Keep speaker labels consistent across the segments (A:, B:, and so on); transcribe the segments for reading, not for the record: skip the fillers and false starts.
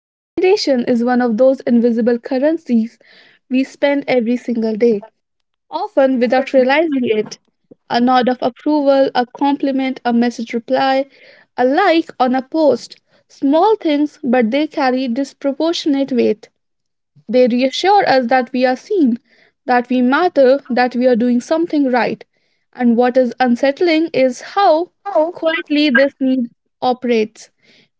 A: Validation is one of those invisible currencies we spend every single day, often without realizing it. A nod of approval, a compliment, a message reply, a like on a post. Small things, but they carry disproportionate weight. They reassure us that we are seen, that we matter, that we are doing something right. And what is unsettling is how quietly this need operates.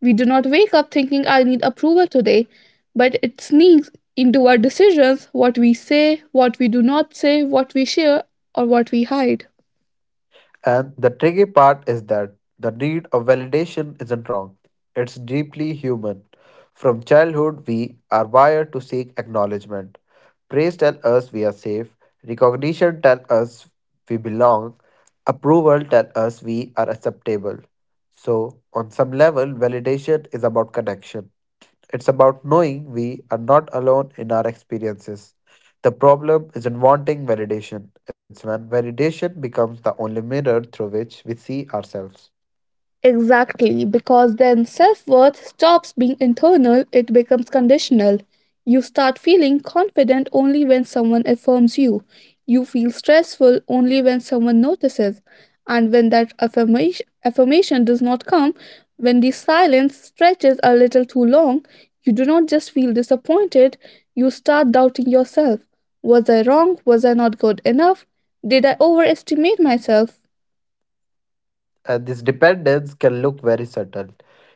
A: We do not wake up thinking, I need approval today, but it sneaks into our decisions: what we say, what we do not say, what we share, or what we hide.
B: And the tricky part is that the need of validation isn't wrong, it's deeply human. From childhood, we are wired to seek acknowledgement. Praise tells us we are safe, recognition tells us we belong, approval tells us we are acceptable. So, on some level, validation is about connection. It's about knowing we are not alone in our experiences. The problem isn't wanting validation, it's when validation becomes the only mirror through which we see ourselves.
A: Exactly, because then self worth stops being internal, it becomes conditional. You start feeling confident only when someone affirms you. You feel stressful only when someone notices. And when that affirmation does not come, when the silence stretches a little too long, you do not just feel disappointed, you start doubting yourself. Was I wrong? Was I not good enough? Did I overestimate myself?
B: And this dependence can look very subtle.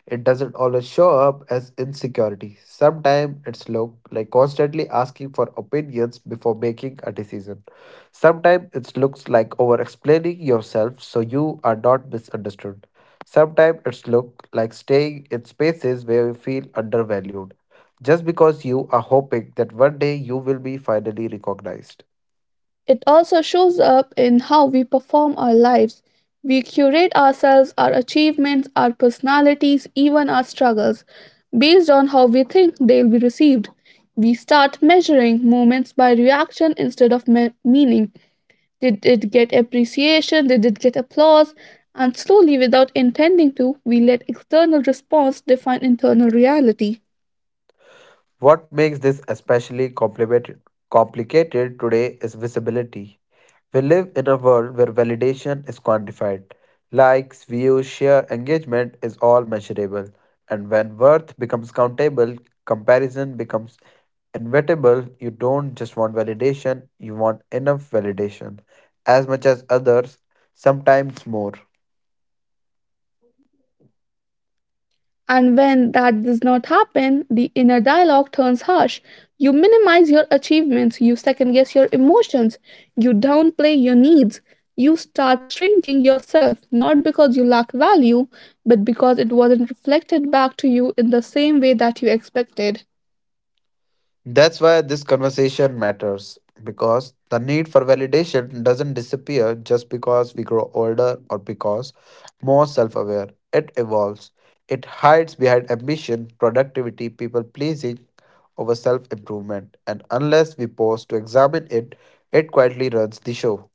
B: It doesn't always show up as insecurity. Sometimes it's look like constantly asking for opinions before making a decision. Sometimes it looks like over explaining yourself so you are not misunderstood. Sometimes it's look like staying in spaces where you feel undervalued. Just because you are hoping that one day you will be finally recognized.
A: It also shows up in how we perform our lives. We curate ourselves, our achievements, our personalities, even our struggles, based on how we think they'll be received. We start measuring moments by reaction instead of meaning. Did it get appreciation? Did it get applause? And slowly, without intending to, we let external response define internal reality.
B: What makes this especially complicated today is visibility. We live in a world where validation is quantified. Likes, views, share, engagement is all measurable. And when worth becomes countable, comparison becomes inevitable. You don't just want validation, you want enough validation. As much as others, sometimes more.
A: And when that does not happen, the inner dialogue turns harsh. You minimize your achievements, you second guess your emotions, you downplay your needs, you start shrinking yourself, not because you lack value, but because it wasn't reflected back to you in the same way that you expected.
B: That's why this conversation matters because the need for validation doesn't disappear just because we grow older or because more self aware. It evolves. It hides behind ambition, productivity, people pleasing, over self improvement. And unless we pause to examine it, it quietly runs the show.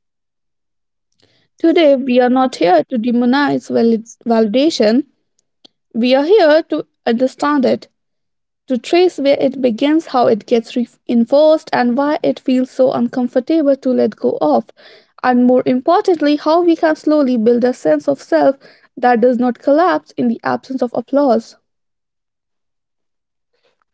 A: Today, we are not here to demonize validation, we are here to understand it, to trace where it begins, how it gets reinforced, and why it feels so uncomfortable to let go of. And more importantly, how we can slowly build a sense of self that does not collapse in the absence of applause.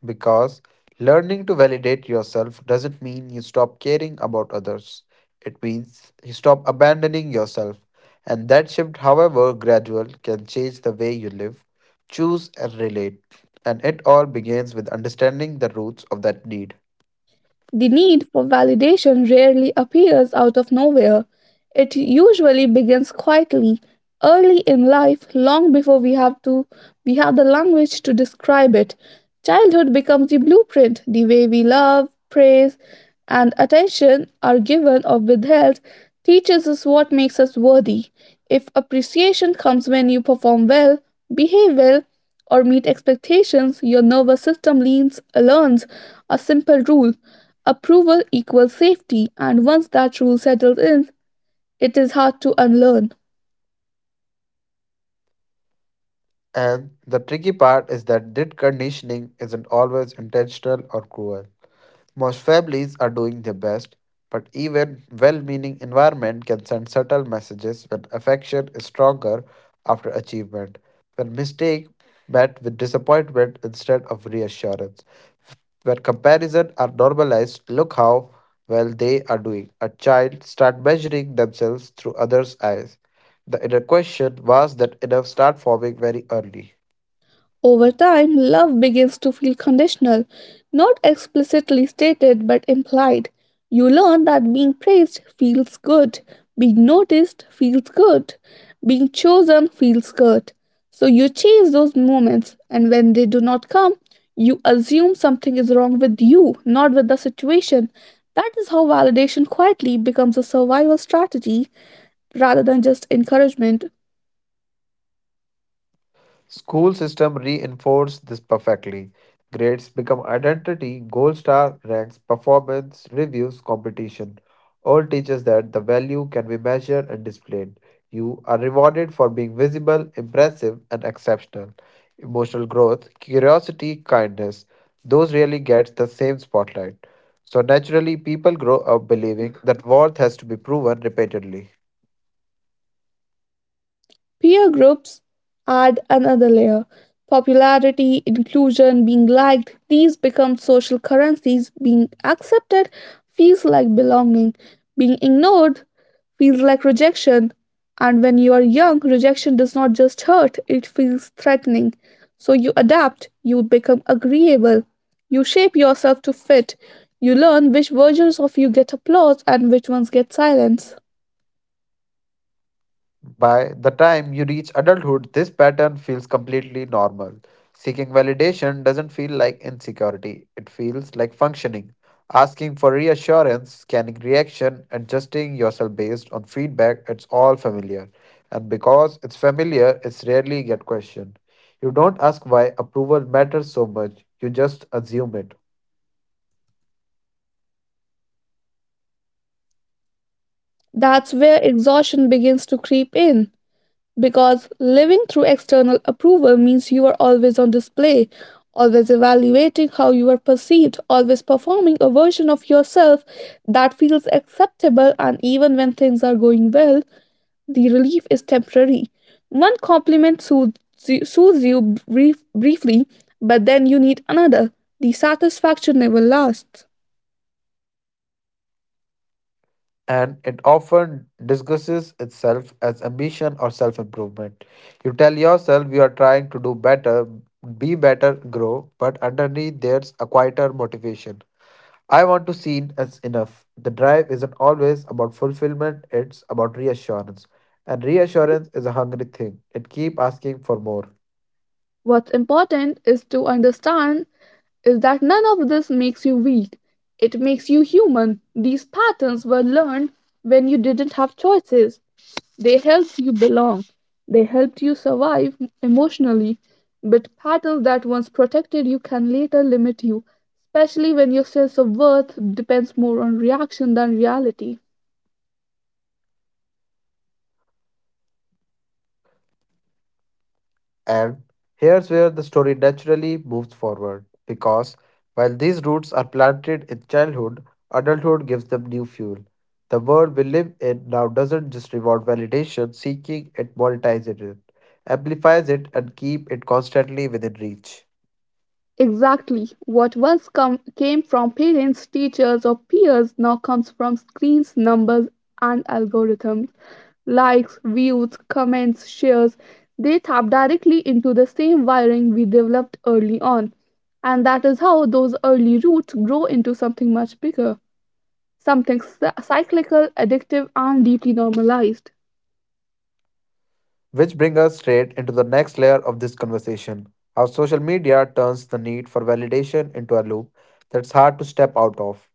B: Because learning to validate yourself doesn't mean you stop caring about others. It means you stop abandoning yourself. And that shift, however gradual, can change the way you live, choose, and relate. And it all begins with understanding the roots of that need.
A: The need for validation rarely appears out of nowhere. It usually begins quietly, early in life, long before we have the language to describe it. Childhood becomes the blueprint. The way we love, praise, and attention are given or withheld teaches us what makes us worthy. If appreciation comes when you perform well, behave well, or meet expectations, your nervous system leans learns a simple rule: approval equals safety. And once that rule settles in, it is hard to unlearn.
B: And the tricky part is that that conditioning isn't always intentional or cruel. Most families are doing their best, but even well meaning environment can send subtle messages when affection is stronger after achievement, when mistake met with disappointment instead of reassurance. When comparison are normalized, look how well they are doing. A child start measuring themselves through others' eyes. The inner question was that enough start forming very early.
A: Over time, love begins to feel conditional, not explicitly stated but implied. You learn that being praised feels good, being noticed feels good, being chosen feels good. So you chase those moments, and when they do not come, you assume something is wrong with you, not with the situation. That is how validation quietly becomes a survival strategy rather than just encouragement.
B: School system reinforce this perfectly. Grades become identity, gold star, ranks, performance, reviews, competition. All teaches that the value can be measured and displayed. You are rewarded for being visible, impressive, and exceptional. Emotional growth, curiosity, kindness, those really get the same spotlight. So naturally people grow up believing that worth has to be proven repeatedly.
A: Peer groups add another layer. Popularity, inclusion, being liked, these become social currencies. Being accepted feels like belonging. Being ignored feels like rejection. And when you are young, rejection does not just hurt, it feels threatening. So you adapt, you become agreeable, you shape yourself to fit, you learn which versions of you get applause and which ones get silence.
B: By the time you reach adulthood, this pattern feels completely normal. Seeking validation doesn't feel like insecurity, it feels like functioning. Asking for reassurance, scanning reaction, adjusting yourself based on feedback, it's all familiar. And because it's familiar, it's rarely get questioned. You don't ask why approval matters so much, you just assume it.
A: That's where exhaustion begins to creep in, because living through external approval means you are always on display, always evaluating how you are perceived, always performing a version of yourself that feels acceptable. And even when things are going well, the relief is temporary. One compliment soothes you briefly, but then you need another. The satisfaction never lasts.
B: And it often disguises itself as ambition or self improvement. You tell yourself you are trying to do better, be better, grow, but underneath there's a quieter motivation. I want to seen as enough. The drive isn't always about fulfillment, it's about reassurance. And reassurance is a hungry thing. It keeps asking for more.
A: What's important is to understand is that none of this makes you weak. It makes you human. These patterns were learned when you didn't have choices. They helped you belong. They helped you survive emotionally. But patterns that once protected you can later limit you, especially when your sense of worth depends more on reaction than reality.
B: And here's where the story naturally moves forward, because while these roots are planted in childhood, adulthood gives them new fuel. The world we live in now doesn't just reward validation, seeking it monetizes it, amplifies it, and keep it constantly within reach.
A: Exactly. What once came from parents, teachers, or peers now comes from screens, numbers, and algorithms. Likes, views, comments, shares, they tap directly into the same wiring we developed early on. And that is how those early roots grow into something much bigger, something cyclical, addictive, and deeply normalized.
B: Which brings us straight into the next layer of this conversation, how social media turns the need for validation into a loop that's hard to step out of.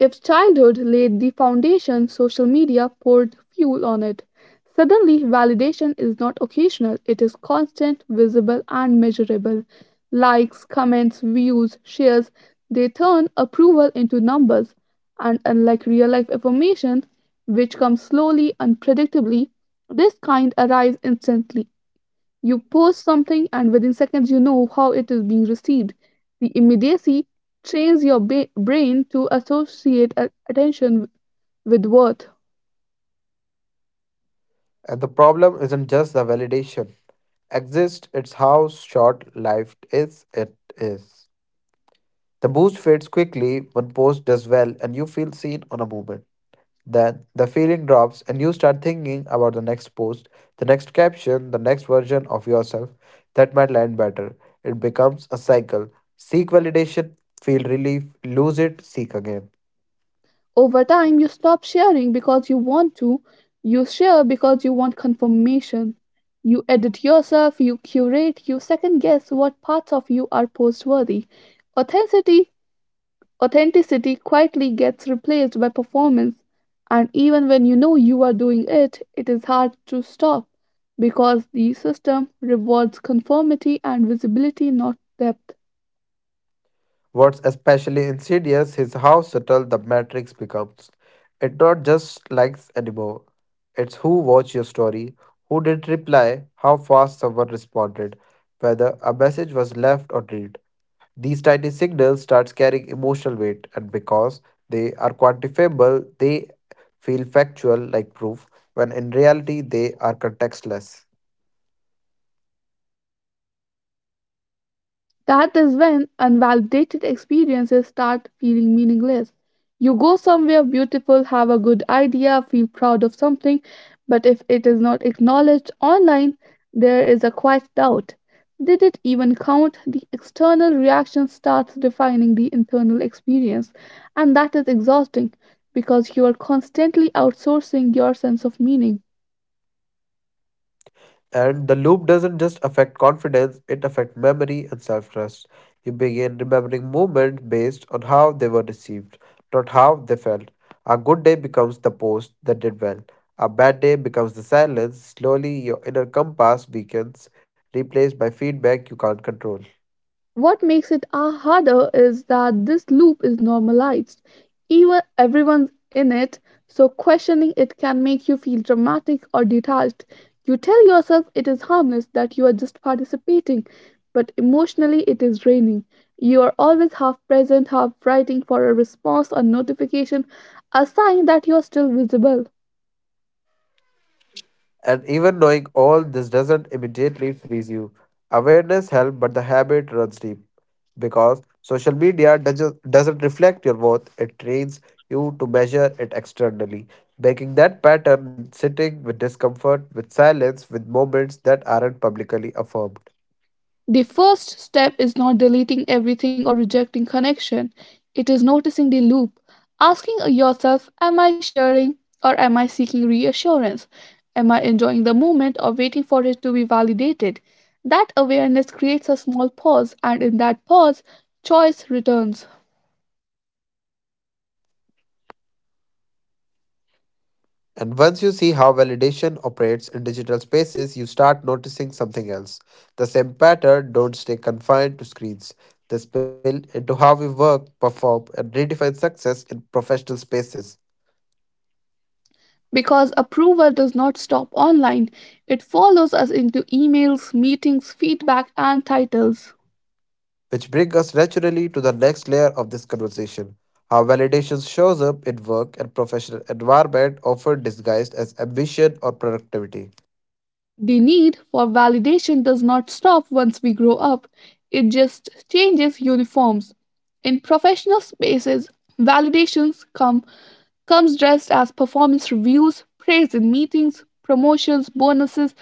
A: If childhood laid the foundation, social media poured fuel on it. Suddenly, validation is not occasional, it is constant, visible, and measurable. Likes, comments, views, shares, they turn approval into numbers. And unlike real life affirmation, which comes slowly, unpredictably, this kind arrives instantly. You post something, and within seconds, you know how it is being received. The immediacy trains your brain to associate attention with worth.
B: And the problem isn't just the validation exists, it's how short life is it is. The boost fades quickly, one post does well and you feel seen on a moment. Then the feeling drops and you start thinking about the next post, the next caption, the next version of yourself that might land better. It becomes a cycle. Seek validation, feel relief, lose it, seek again.
A: Over time, you stop sharing because you want to, you share because you want confirmation. You edit yourself, you curate, you second guess what parts of you are postworthy. Authenticity Authenticity quietly gets replaced by performance, and even when you know you are doing it, it is hard to stop because the system rewards conformity and visibility, not depth.
B: What's especially insidious is how subtle the matrix becomes. It's not just likes anymore. It's who watched your story, who did reply, how fast someone responded, whether a message was left or read. These tiny signals start carrying emotional weight, and because they are quantifiable, they feel factual like proof, when in reality they are contextless.
A: That is when unvalidated experiences start feeling meaningless. You go somewhere beautiful, have a good idea, feel proud of something, but if it is not acknowledged online, there is a quiet doubt. Did it even count? The external reaction starts defining the internal experience, and that is exhausting because you are constantly outsourcing your sense of meaning.
B: And the loop doesn't just affect confidence, it affects memory and self trust. You begin remembering moments based on how they were received, not how they felt. A good day becomes the post that did well. A bad day becomes the silence. Slowly, your inner compass weakens, replaced by feedback you can't control.
A: What makes it harder is that this loop is normalized. Even everyone's in it, so questioning it can make you feel dramatic or detached. You tell yourself it is harmless, that you are just participating, but emotionally it is draining. You are always half present, half writing for a response, a notification, a sign that you are still visible.
B: And even knowing all this doesn't immediately freeze you. Awareness helps, but the habit runs deep. Because social media doesn't reflect your worth, it trains you to measure it externally. Breaking that pattern means sitting with discomfort, with silence, with moments that aren't publicly affirmed.
A: The first step is not deleting everything or rejecting connection. It is noticing the loop, asking yourself, am I sharing or am I seeking reassurance? Am I enjoying the moment or waiting for it to be validated? That awareness creates a small pause, and in that pause, choice returns.
B: And once you see how validation operates in digital spaces, you start noticing something else. The same pattern don't stay confined to screens. They spill into how we work, perform, and redefine success in professional spaces.
A: Because approval does not stop online, it follows us into emails, meetings, feedback, and titles.
B: Which brings us naturally to the next layer of this conversation. How validation shows up in work and professional environment often disguised as ambition or productivity.
A: The need for validation does not stop once we grow up, it just changes uniforms. In professional spaces, validations come comes dressed as performance reviews, praise in meetings, promotions, bonuses,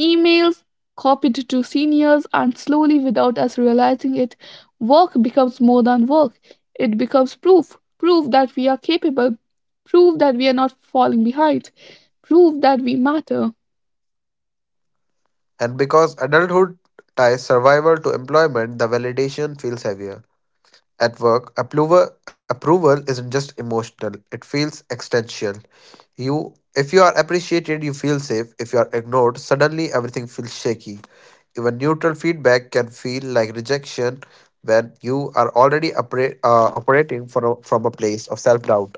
A: emails copied to seniors. And slowly, without us realizing it, work becomes more than work. It becomes proof that we are capable, proof that we are not falling behind, proof that we matter.
B: And because adulthood ties survival to employment, the validation feels heavier. At work, approval isn't just emotional, it feels existential. You If you are appreciated, you feel safe. If you are ignored, suddenly everything feels shaky. Even neutral feedback can feel like rejection when you are already operating from a place of self-doubt.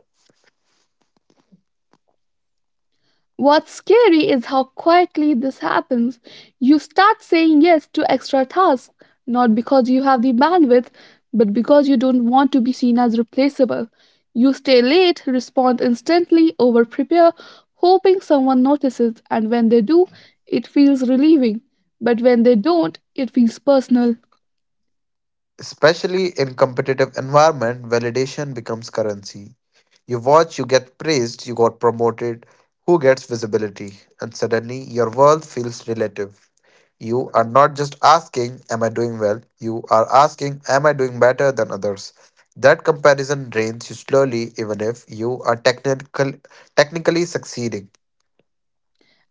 A: What's scary is how quietly this happens. You start saying yes to extra tasks, not because you have the bandwidth, but because you don't want to be seen as replaceable. You stay late, respond instantly, over prepare, hoping someone notices, and when they do, it feels relieving. But when they don't, it feels personal.
B: Especially in competitive environment, validation becomes currency. You watch, you get praised, you got promoted, who gets visibility, and suddenly your world feels relative. You are not just asking, Am I doing well? You are asking, Am I doing better than others? That comparison drains you slowly, even if you are technically succeeding.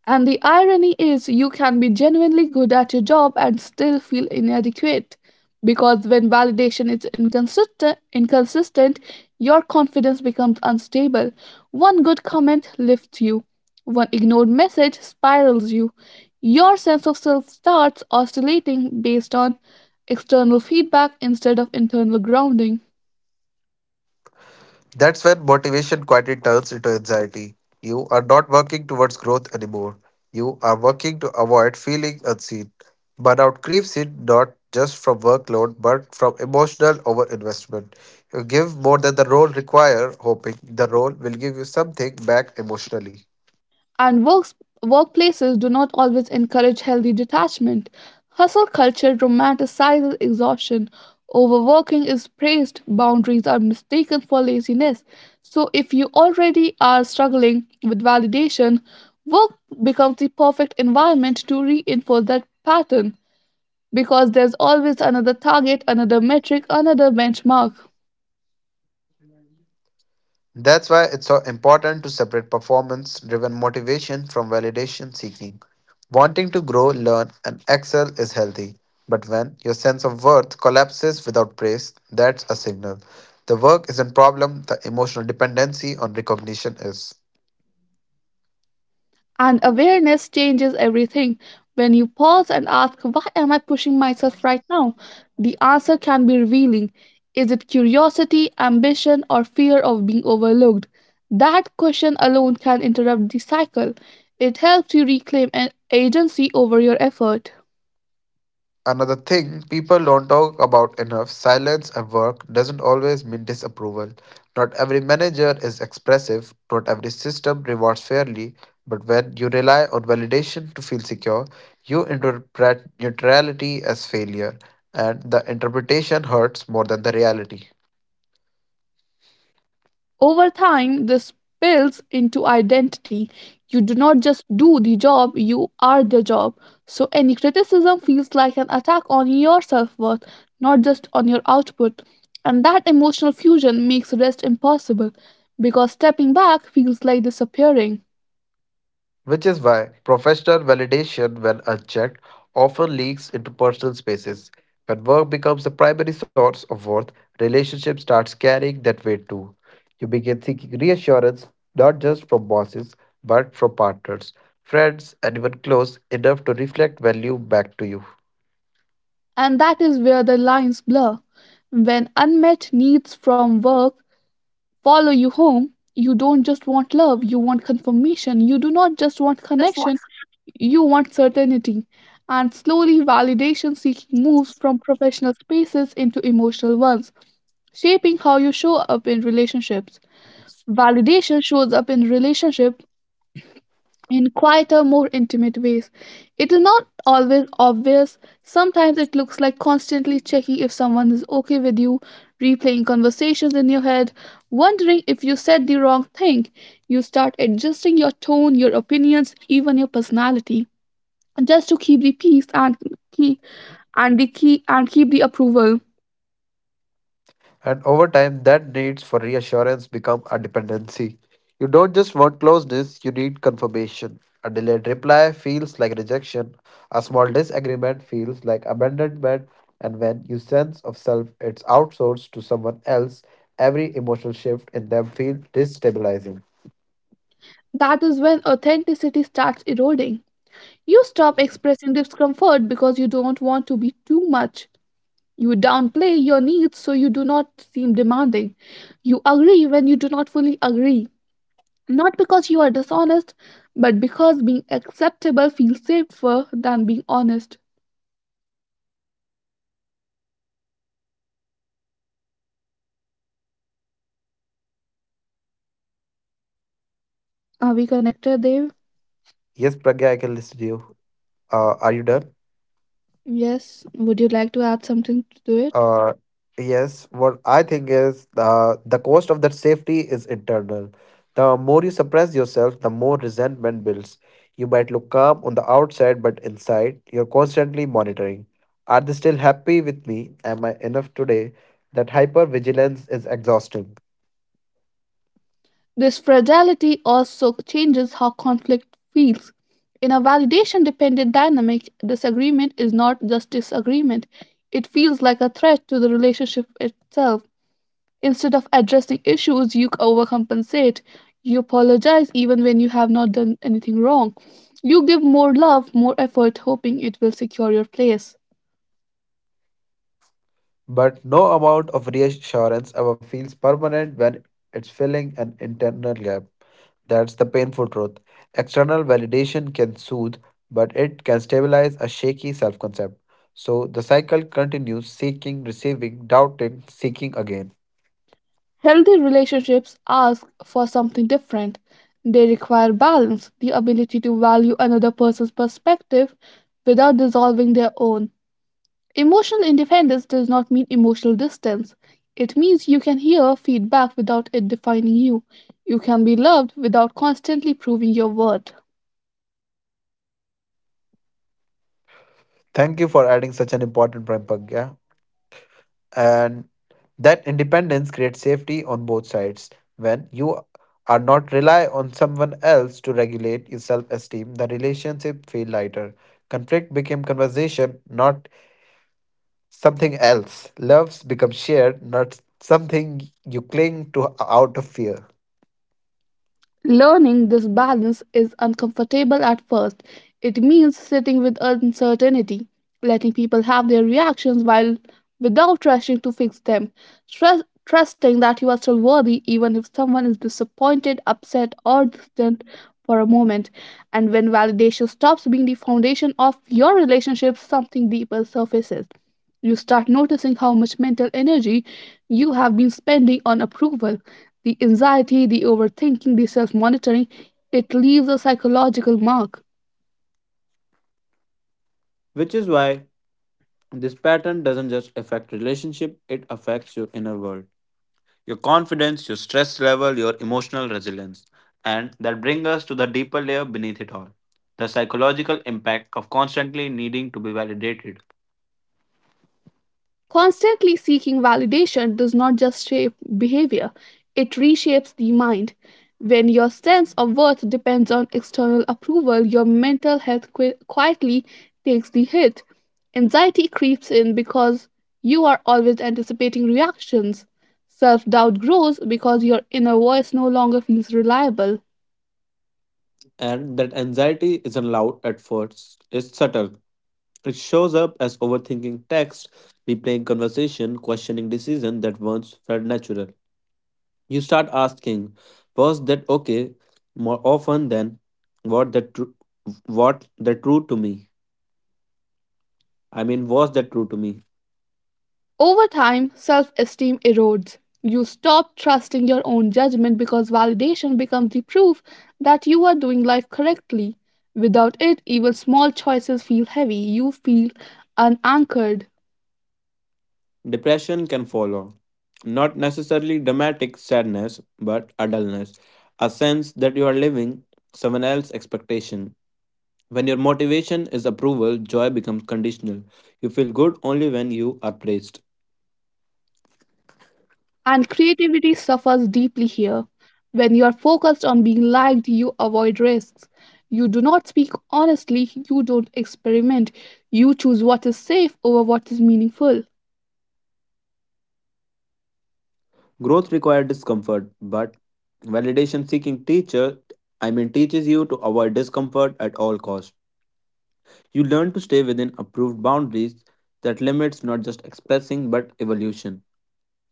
A: And the irony is, you can be genuinely good at your job and still feel inadequate. Because when validation is inconsistent, your confidence becomes unstable. One good comment lifts you, one ignored message spirals you. Your sense of self starts oscillating based on external feedback instead of internal grounding.
B: That's when motivation quietly turns into anxiety. You are not working towards growth anymore. You are working to avoid feeling unseen. Burnout creeps in not just from workload but from emotional overinvestment. You give more than the role requires, hoping the role will give you something back emotionally.
A: and works, Workplaces do not always encourage healthy detachment. Hustle culture romanticizes exhaustion. Overworking is praised, boundaries are mistaken for laziness. So, if you already are struggling with validation, work becomes the perfect environment to reinforce that pattern, because there's always another target, another metric, another benchmark.
B: That's why it's so important to separate performance driven motivation from validation seeking. Wanting to grow, learn, and excel is healthy. But when your sense of worth collapses without praise, that's a signal. The work isn't problem, the emotional dependency on recognition is.
A: And awareness changes everything. When you pause and ask, why am I pushing myself right now? The answer can be revealing. Is it curiosity, ambition, or fear of being overlooked? That question alone can interrupt the cycle. It helps you reclaim an agency over your effort.
B: Another thing people don't talk about enough, silence at work doesn't always mean disapproval. Not every manager is expressive, not every system rewards fairly, but when you rely on validation to feel secure, you interpret neutrality as failure, and the interpretation hurts more than the reality.
A: Over time, this spills into identity. You do not just do the job, you are the job. So any criticism feels like an attack on your self worth, not just on your output. And that emotional fusion makes rest impossible, because stepping back feels like disappearing.
B: Which is why professional validation, when unchecked, often leaks into personal spaces. When work becomes the primary source of worth, relationship starts carrying that weight too. You begin seeking reassurance not just from bosses, but from partners, friends, and even close enough to reflect value back to you.
A: And that is where the lines blur. When unmet needs from work follow you home, you don't just want love, you want confirmation. You do not just want connection, you want certainty, and slowly validation seeking moves from professional spaces into emotional ones, shaping how you show up in relationships. Validation shows up in relationship in quieter, more intimate ways. It is not always obvious. Sometimes it looks like constantly checking if someone is okay with you, replaying conversations in your head, wondering if you said the wrong thing. You start adjusting your tone, your opinions, even your personality just to keep the peace keep and keep the approval.
B: And over time, that needs for reassurance become a dependency. You don't just want closeness, you need confirmation. A delayed reply feels like rejection. A small disagreement feels like abandonment. And when you sense of self it's outsourced to someone else, every emotional shift in them feels destabilizing.
A: That is when authenticity starts eroding. You stop expressing discomfort because you don't want to be too much. You downplay your needs so you do not seem demanding. You agree when you do not fully agree. Not because you are dishonest, but because being acceptable feels safer than being honest. Are we connected, Dev?
B: Yes, Pragya, I can listen to you. Are you done?
A: Yes. Would you like to add something to it?
B: Uh, yes, what I think is, the cost of that safety is internal. The more you suppress yourself, the more resentment builds. You might look calm on the outside, but inside, you're constantly monitoring. Are they still happy with me? Am I enough today? That hypervigilance is exhausting.
A: This fragility also changes how conflict feels. In a validation dependent dynamic, disagreement is not just disagreement, it feels like a threat to the relationship itself. Instead of addressing issues, you overcompensate. You apologize even when you have not done anything wrong. You give more love, more effort, hoping it will secure your place.
B: But no amount of reassurance ever feels permanent when it's filling an internal gap. That's the painful truth. External validation can soothe, but it can stabilize a shaky self concept. So the cycle continues, seeking, receiving, doubting, seeking again.
A: Healthy relationships ask for something different. They require balance, the ability to value another person's perspective without dissolving their own. Emotional independence does not mean emotional distance. It means you can hear feedback without it defining you. You can be loved without constantly proving your worth.
B: Thank you for adding such an important point, Pragya. And that independence creates safety on both sides. When you are not rely on someone else to regulate your self-esteem, the relationship feel lighter. Conflict became conversation, not something else. Loves become shared, not something you cling to out of fear.
A: Learning this balance is uncomfortable at first. It means sitting with uncertainty, letting people have their reactions while without rushing to fix them, trusting that you are still worthy even if someone is disappointed, upset, or distant for a moment. And when validation stops being the foundation of your relationship, something deeper surfaces. You start noticing how much mental energy you have been spending on approval, the anxiety, the overthinking, the self monitoring. It leaves a psychological mark.
B: By this relationship, it affects your inner world, your confidence, your stress level, your emotional resilience. And that brings us to the deeper layer beneath it all, the psychological impact of constantly needing to be validated.
A: Constantly seeking validation does not just shape behavior, it reshapes the mind. When your sense of worth depends on external approval, your mental health quietly takes the hit. Anxiety creeps in because you are always anticipating reactions. Self doubt grows because your inner voice no longer feels reliable.
B: And that anxiety isn't loud at first, it's subtle. It shows up as overthinking text, replaying conversation, questioning decision that once felt natural. You start asking, was that okay? More often than what that tru- what that true to me? I mean, was that true to me?
A: Over time, self esteem erodes. You stop trusting your own judgment because validation becomes the proof that you are doing life correctly. Without it, even small choices feel heavy. You feel unanchored.
B: Depression can follow. Not necessarily dramatic sadness, but a dullness. A sense that you are living someone else's expectation. When your motivation is approval, joy becomes conditional. You feel good only when you are praised.
A: And creativity suffers deeply here. When you are focused on being liked, you avoid risks. You do not speak honestly, you don't experiment. You choose what is safe over what is meaningful.
B: Growth requires discomfort, but validation seeking I mean, teaches you to avoid discomfort at all costs. You learn to stay within approved boundaries that limits not just expressing but evolution.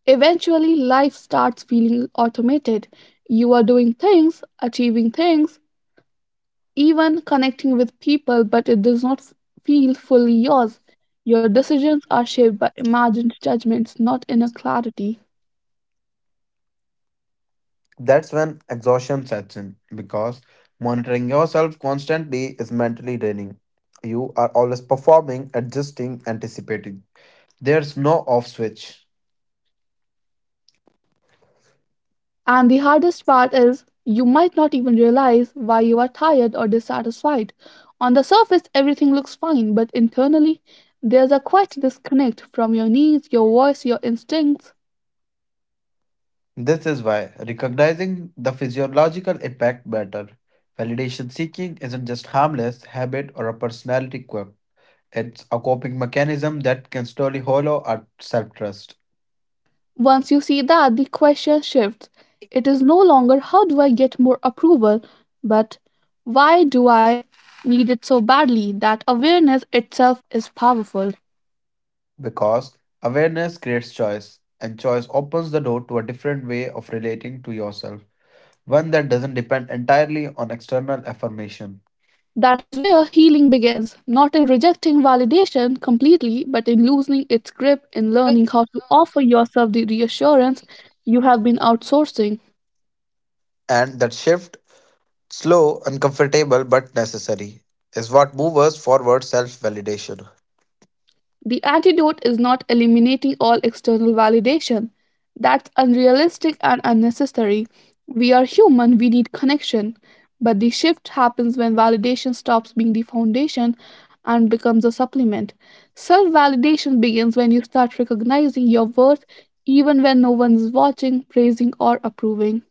A: Eventually, life starts feeling automated. You are doing things, achieving things, even connecting with people, but it does not feel fully yours. Your decisions are shaped by imagined judgments, not inner clarity.
B: That's when exhaustion sets in because monitoring yourself constantly is mentally draining. You are always performing, adjusting, anticipating. There's no off switch.
A: And the hardest part is, you might not even realize why you are tired or dissatisfied. On the surface, everything looks fine, but internally, there's a quite disconnect from your needs, your voice, your instincts.
B: This is why recognizing the physiological impact matter. Validation seeking isn't just harmless habit or a personality quirk. It's a coping mechanism that can slowly hollow our self-trust,
A: Once you see that, the question shifts. It is no longer how do I get more approval, but why do I need it so badly? That awareness itself is powerful.
B: because awareness creates choice and choice opens the door to a different way of relating to yourself. One that doesn't depend entirely on external affirmation.
A: That is where healing begins, not in rejecting validation completely, but in loosening its grip, in learning how to offer yourself the reassurance you have been outsourcing.
B: And that shift, slow, uncomfortable, but necessary, is what moves us forward self validation.
A: The antidote is not eliminating all external validation. That's unrealistic and unnecessary. We are human, we need connection. But the shift happens when validation stops being the foundation and becomes a supplement. Self validation begins when you start recognizing your worth even when no one is watching, praising, or approving.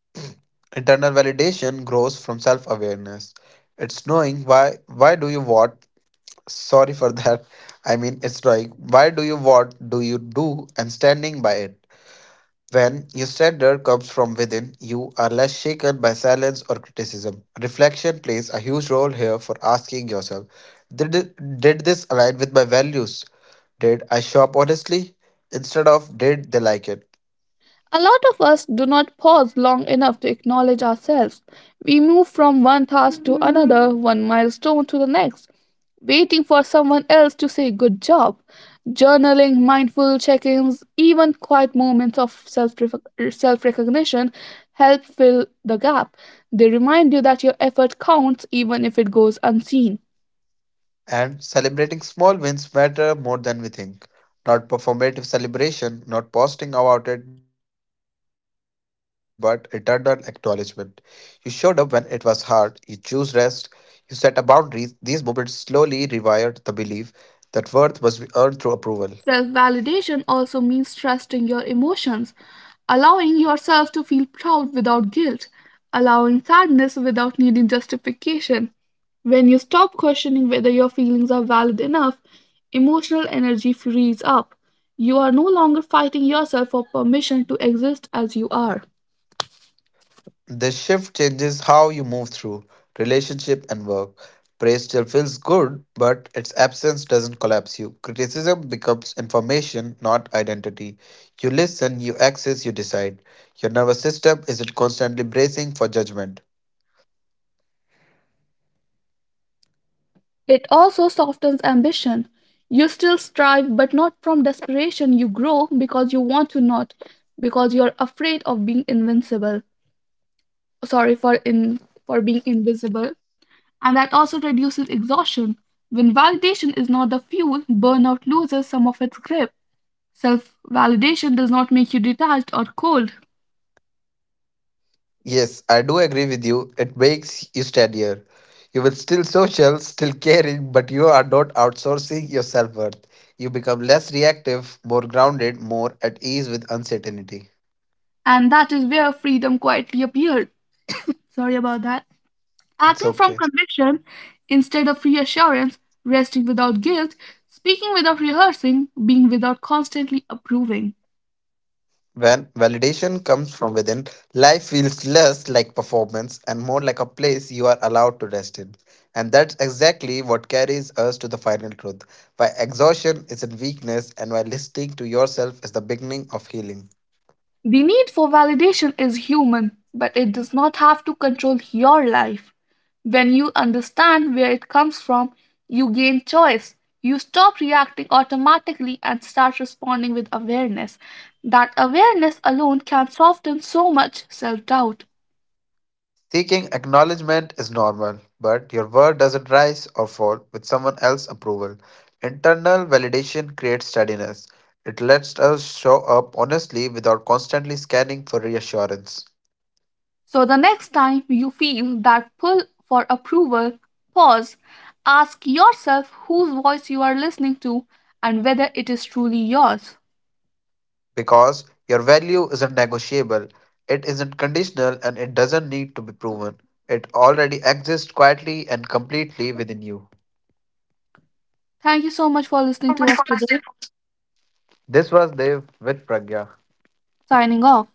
B: Internal validation grows from self awareness. It's knowing why do you what sorry for that. I mean, it's knowing why do you what do you do and standing by it. When your standard comes from within, you are less shaken by silence or criticism. Reflection plays a huge role here for asking yourself, Did, did this align with my values? Did I shop honestly? Instead of, did they like it?
A: A lot of us do not pause long enough to acknowledge ourselves. We move from one task to another, one milestone to the next, waiting for someone else to say good job. Journaling, mindful check ins, even quiet moments of self recognition help fill the gap. They remind you that your effort counts even if it goes unseen.
B: And celebrating small wins matter more than we think. Not performative celebration, not posting about it, but internal acknowledgement. You showed up when it was hard, you choose rest, you set a boundaries. These moments slowly rewired the belief that worth must be earned through approval.
A: Self validation also means trusting your emotions, allowing yourself to feel proud without guilt, allowing sadness without needing justification. When you stop questioning whether your feelings are valid enough, emotional energy frees up. You are no longer fighting yourself for permission to exist as you are.
B: This shift changes how you move through relationship and work. Praise still feels good, but its absence doesn't collapse you. Criticism becomes information, not identity. You listen, you access, you decide. Your nervous system isn't constantly bracing for judgment.
A: It also softens ambition. You still strive, but not from desperation. You grow because you want to, not because you're afraid of being invincible. Sorry, for being invisible. And that also reduces exhaustion. When validation is not the fuel, burnout loses some of its grip. Self validation does not make you detached or cold,
B: Yes, I do agree with you. It makes you steadier. You will still social, still caring, but you are not outsourcing your self worth. You become less reactive, more grounded, more at ease with uncertainty.
A: and that is where freedom quietly appeared. Sorry about that.
B: It's
A: Acting from
B: okay.
A: conviction instead of reassurance, resting without guilt, speaking without rehearsing, being without constantly approving.
B: When validation comes from within, life feels less like performance and more like a place you are allowed to rest in. And that's exactly what carries us to the final truth, why exhaustion is in weakness and why listening to yourself is the beginning of healing.
A: The need for validation is human, but it does not have to control your life. When you understand where it comes from, you gain choice. You stop reacting automatically and start responding with awareness. That awareness alone can soften so much self doubt.
B: Seeking acknowledgement is normal, but your worth doesn't rise or fall with someone else's approval. Internal validation creates steadiness. It lets us show up honestly without constantly scanning for reassurance.
A: So, the next time you feel that pull for approval, pause. Ask yourself whose voice you are listening to and whether it is truly yours.
B: Because your value isn't negotiable, it isn't conditional, and it doesn't need to be proven. It already exists quietly and completely within you.
A: Thank you so much for listening to us today.
B: This was Dev with Pragya.
A: Signing off.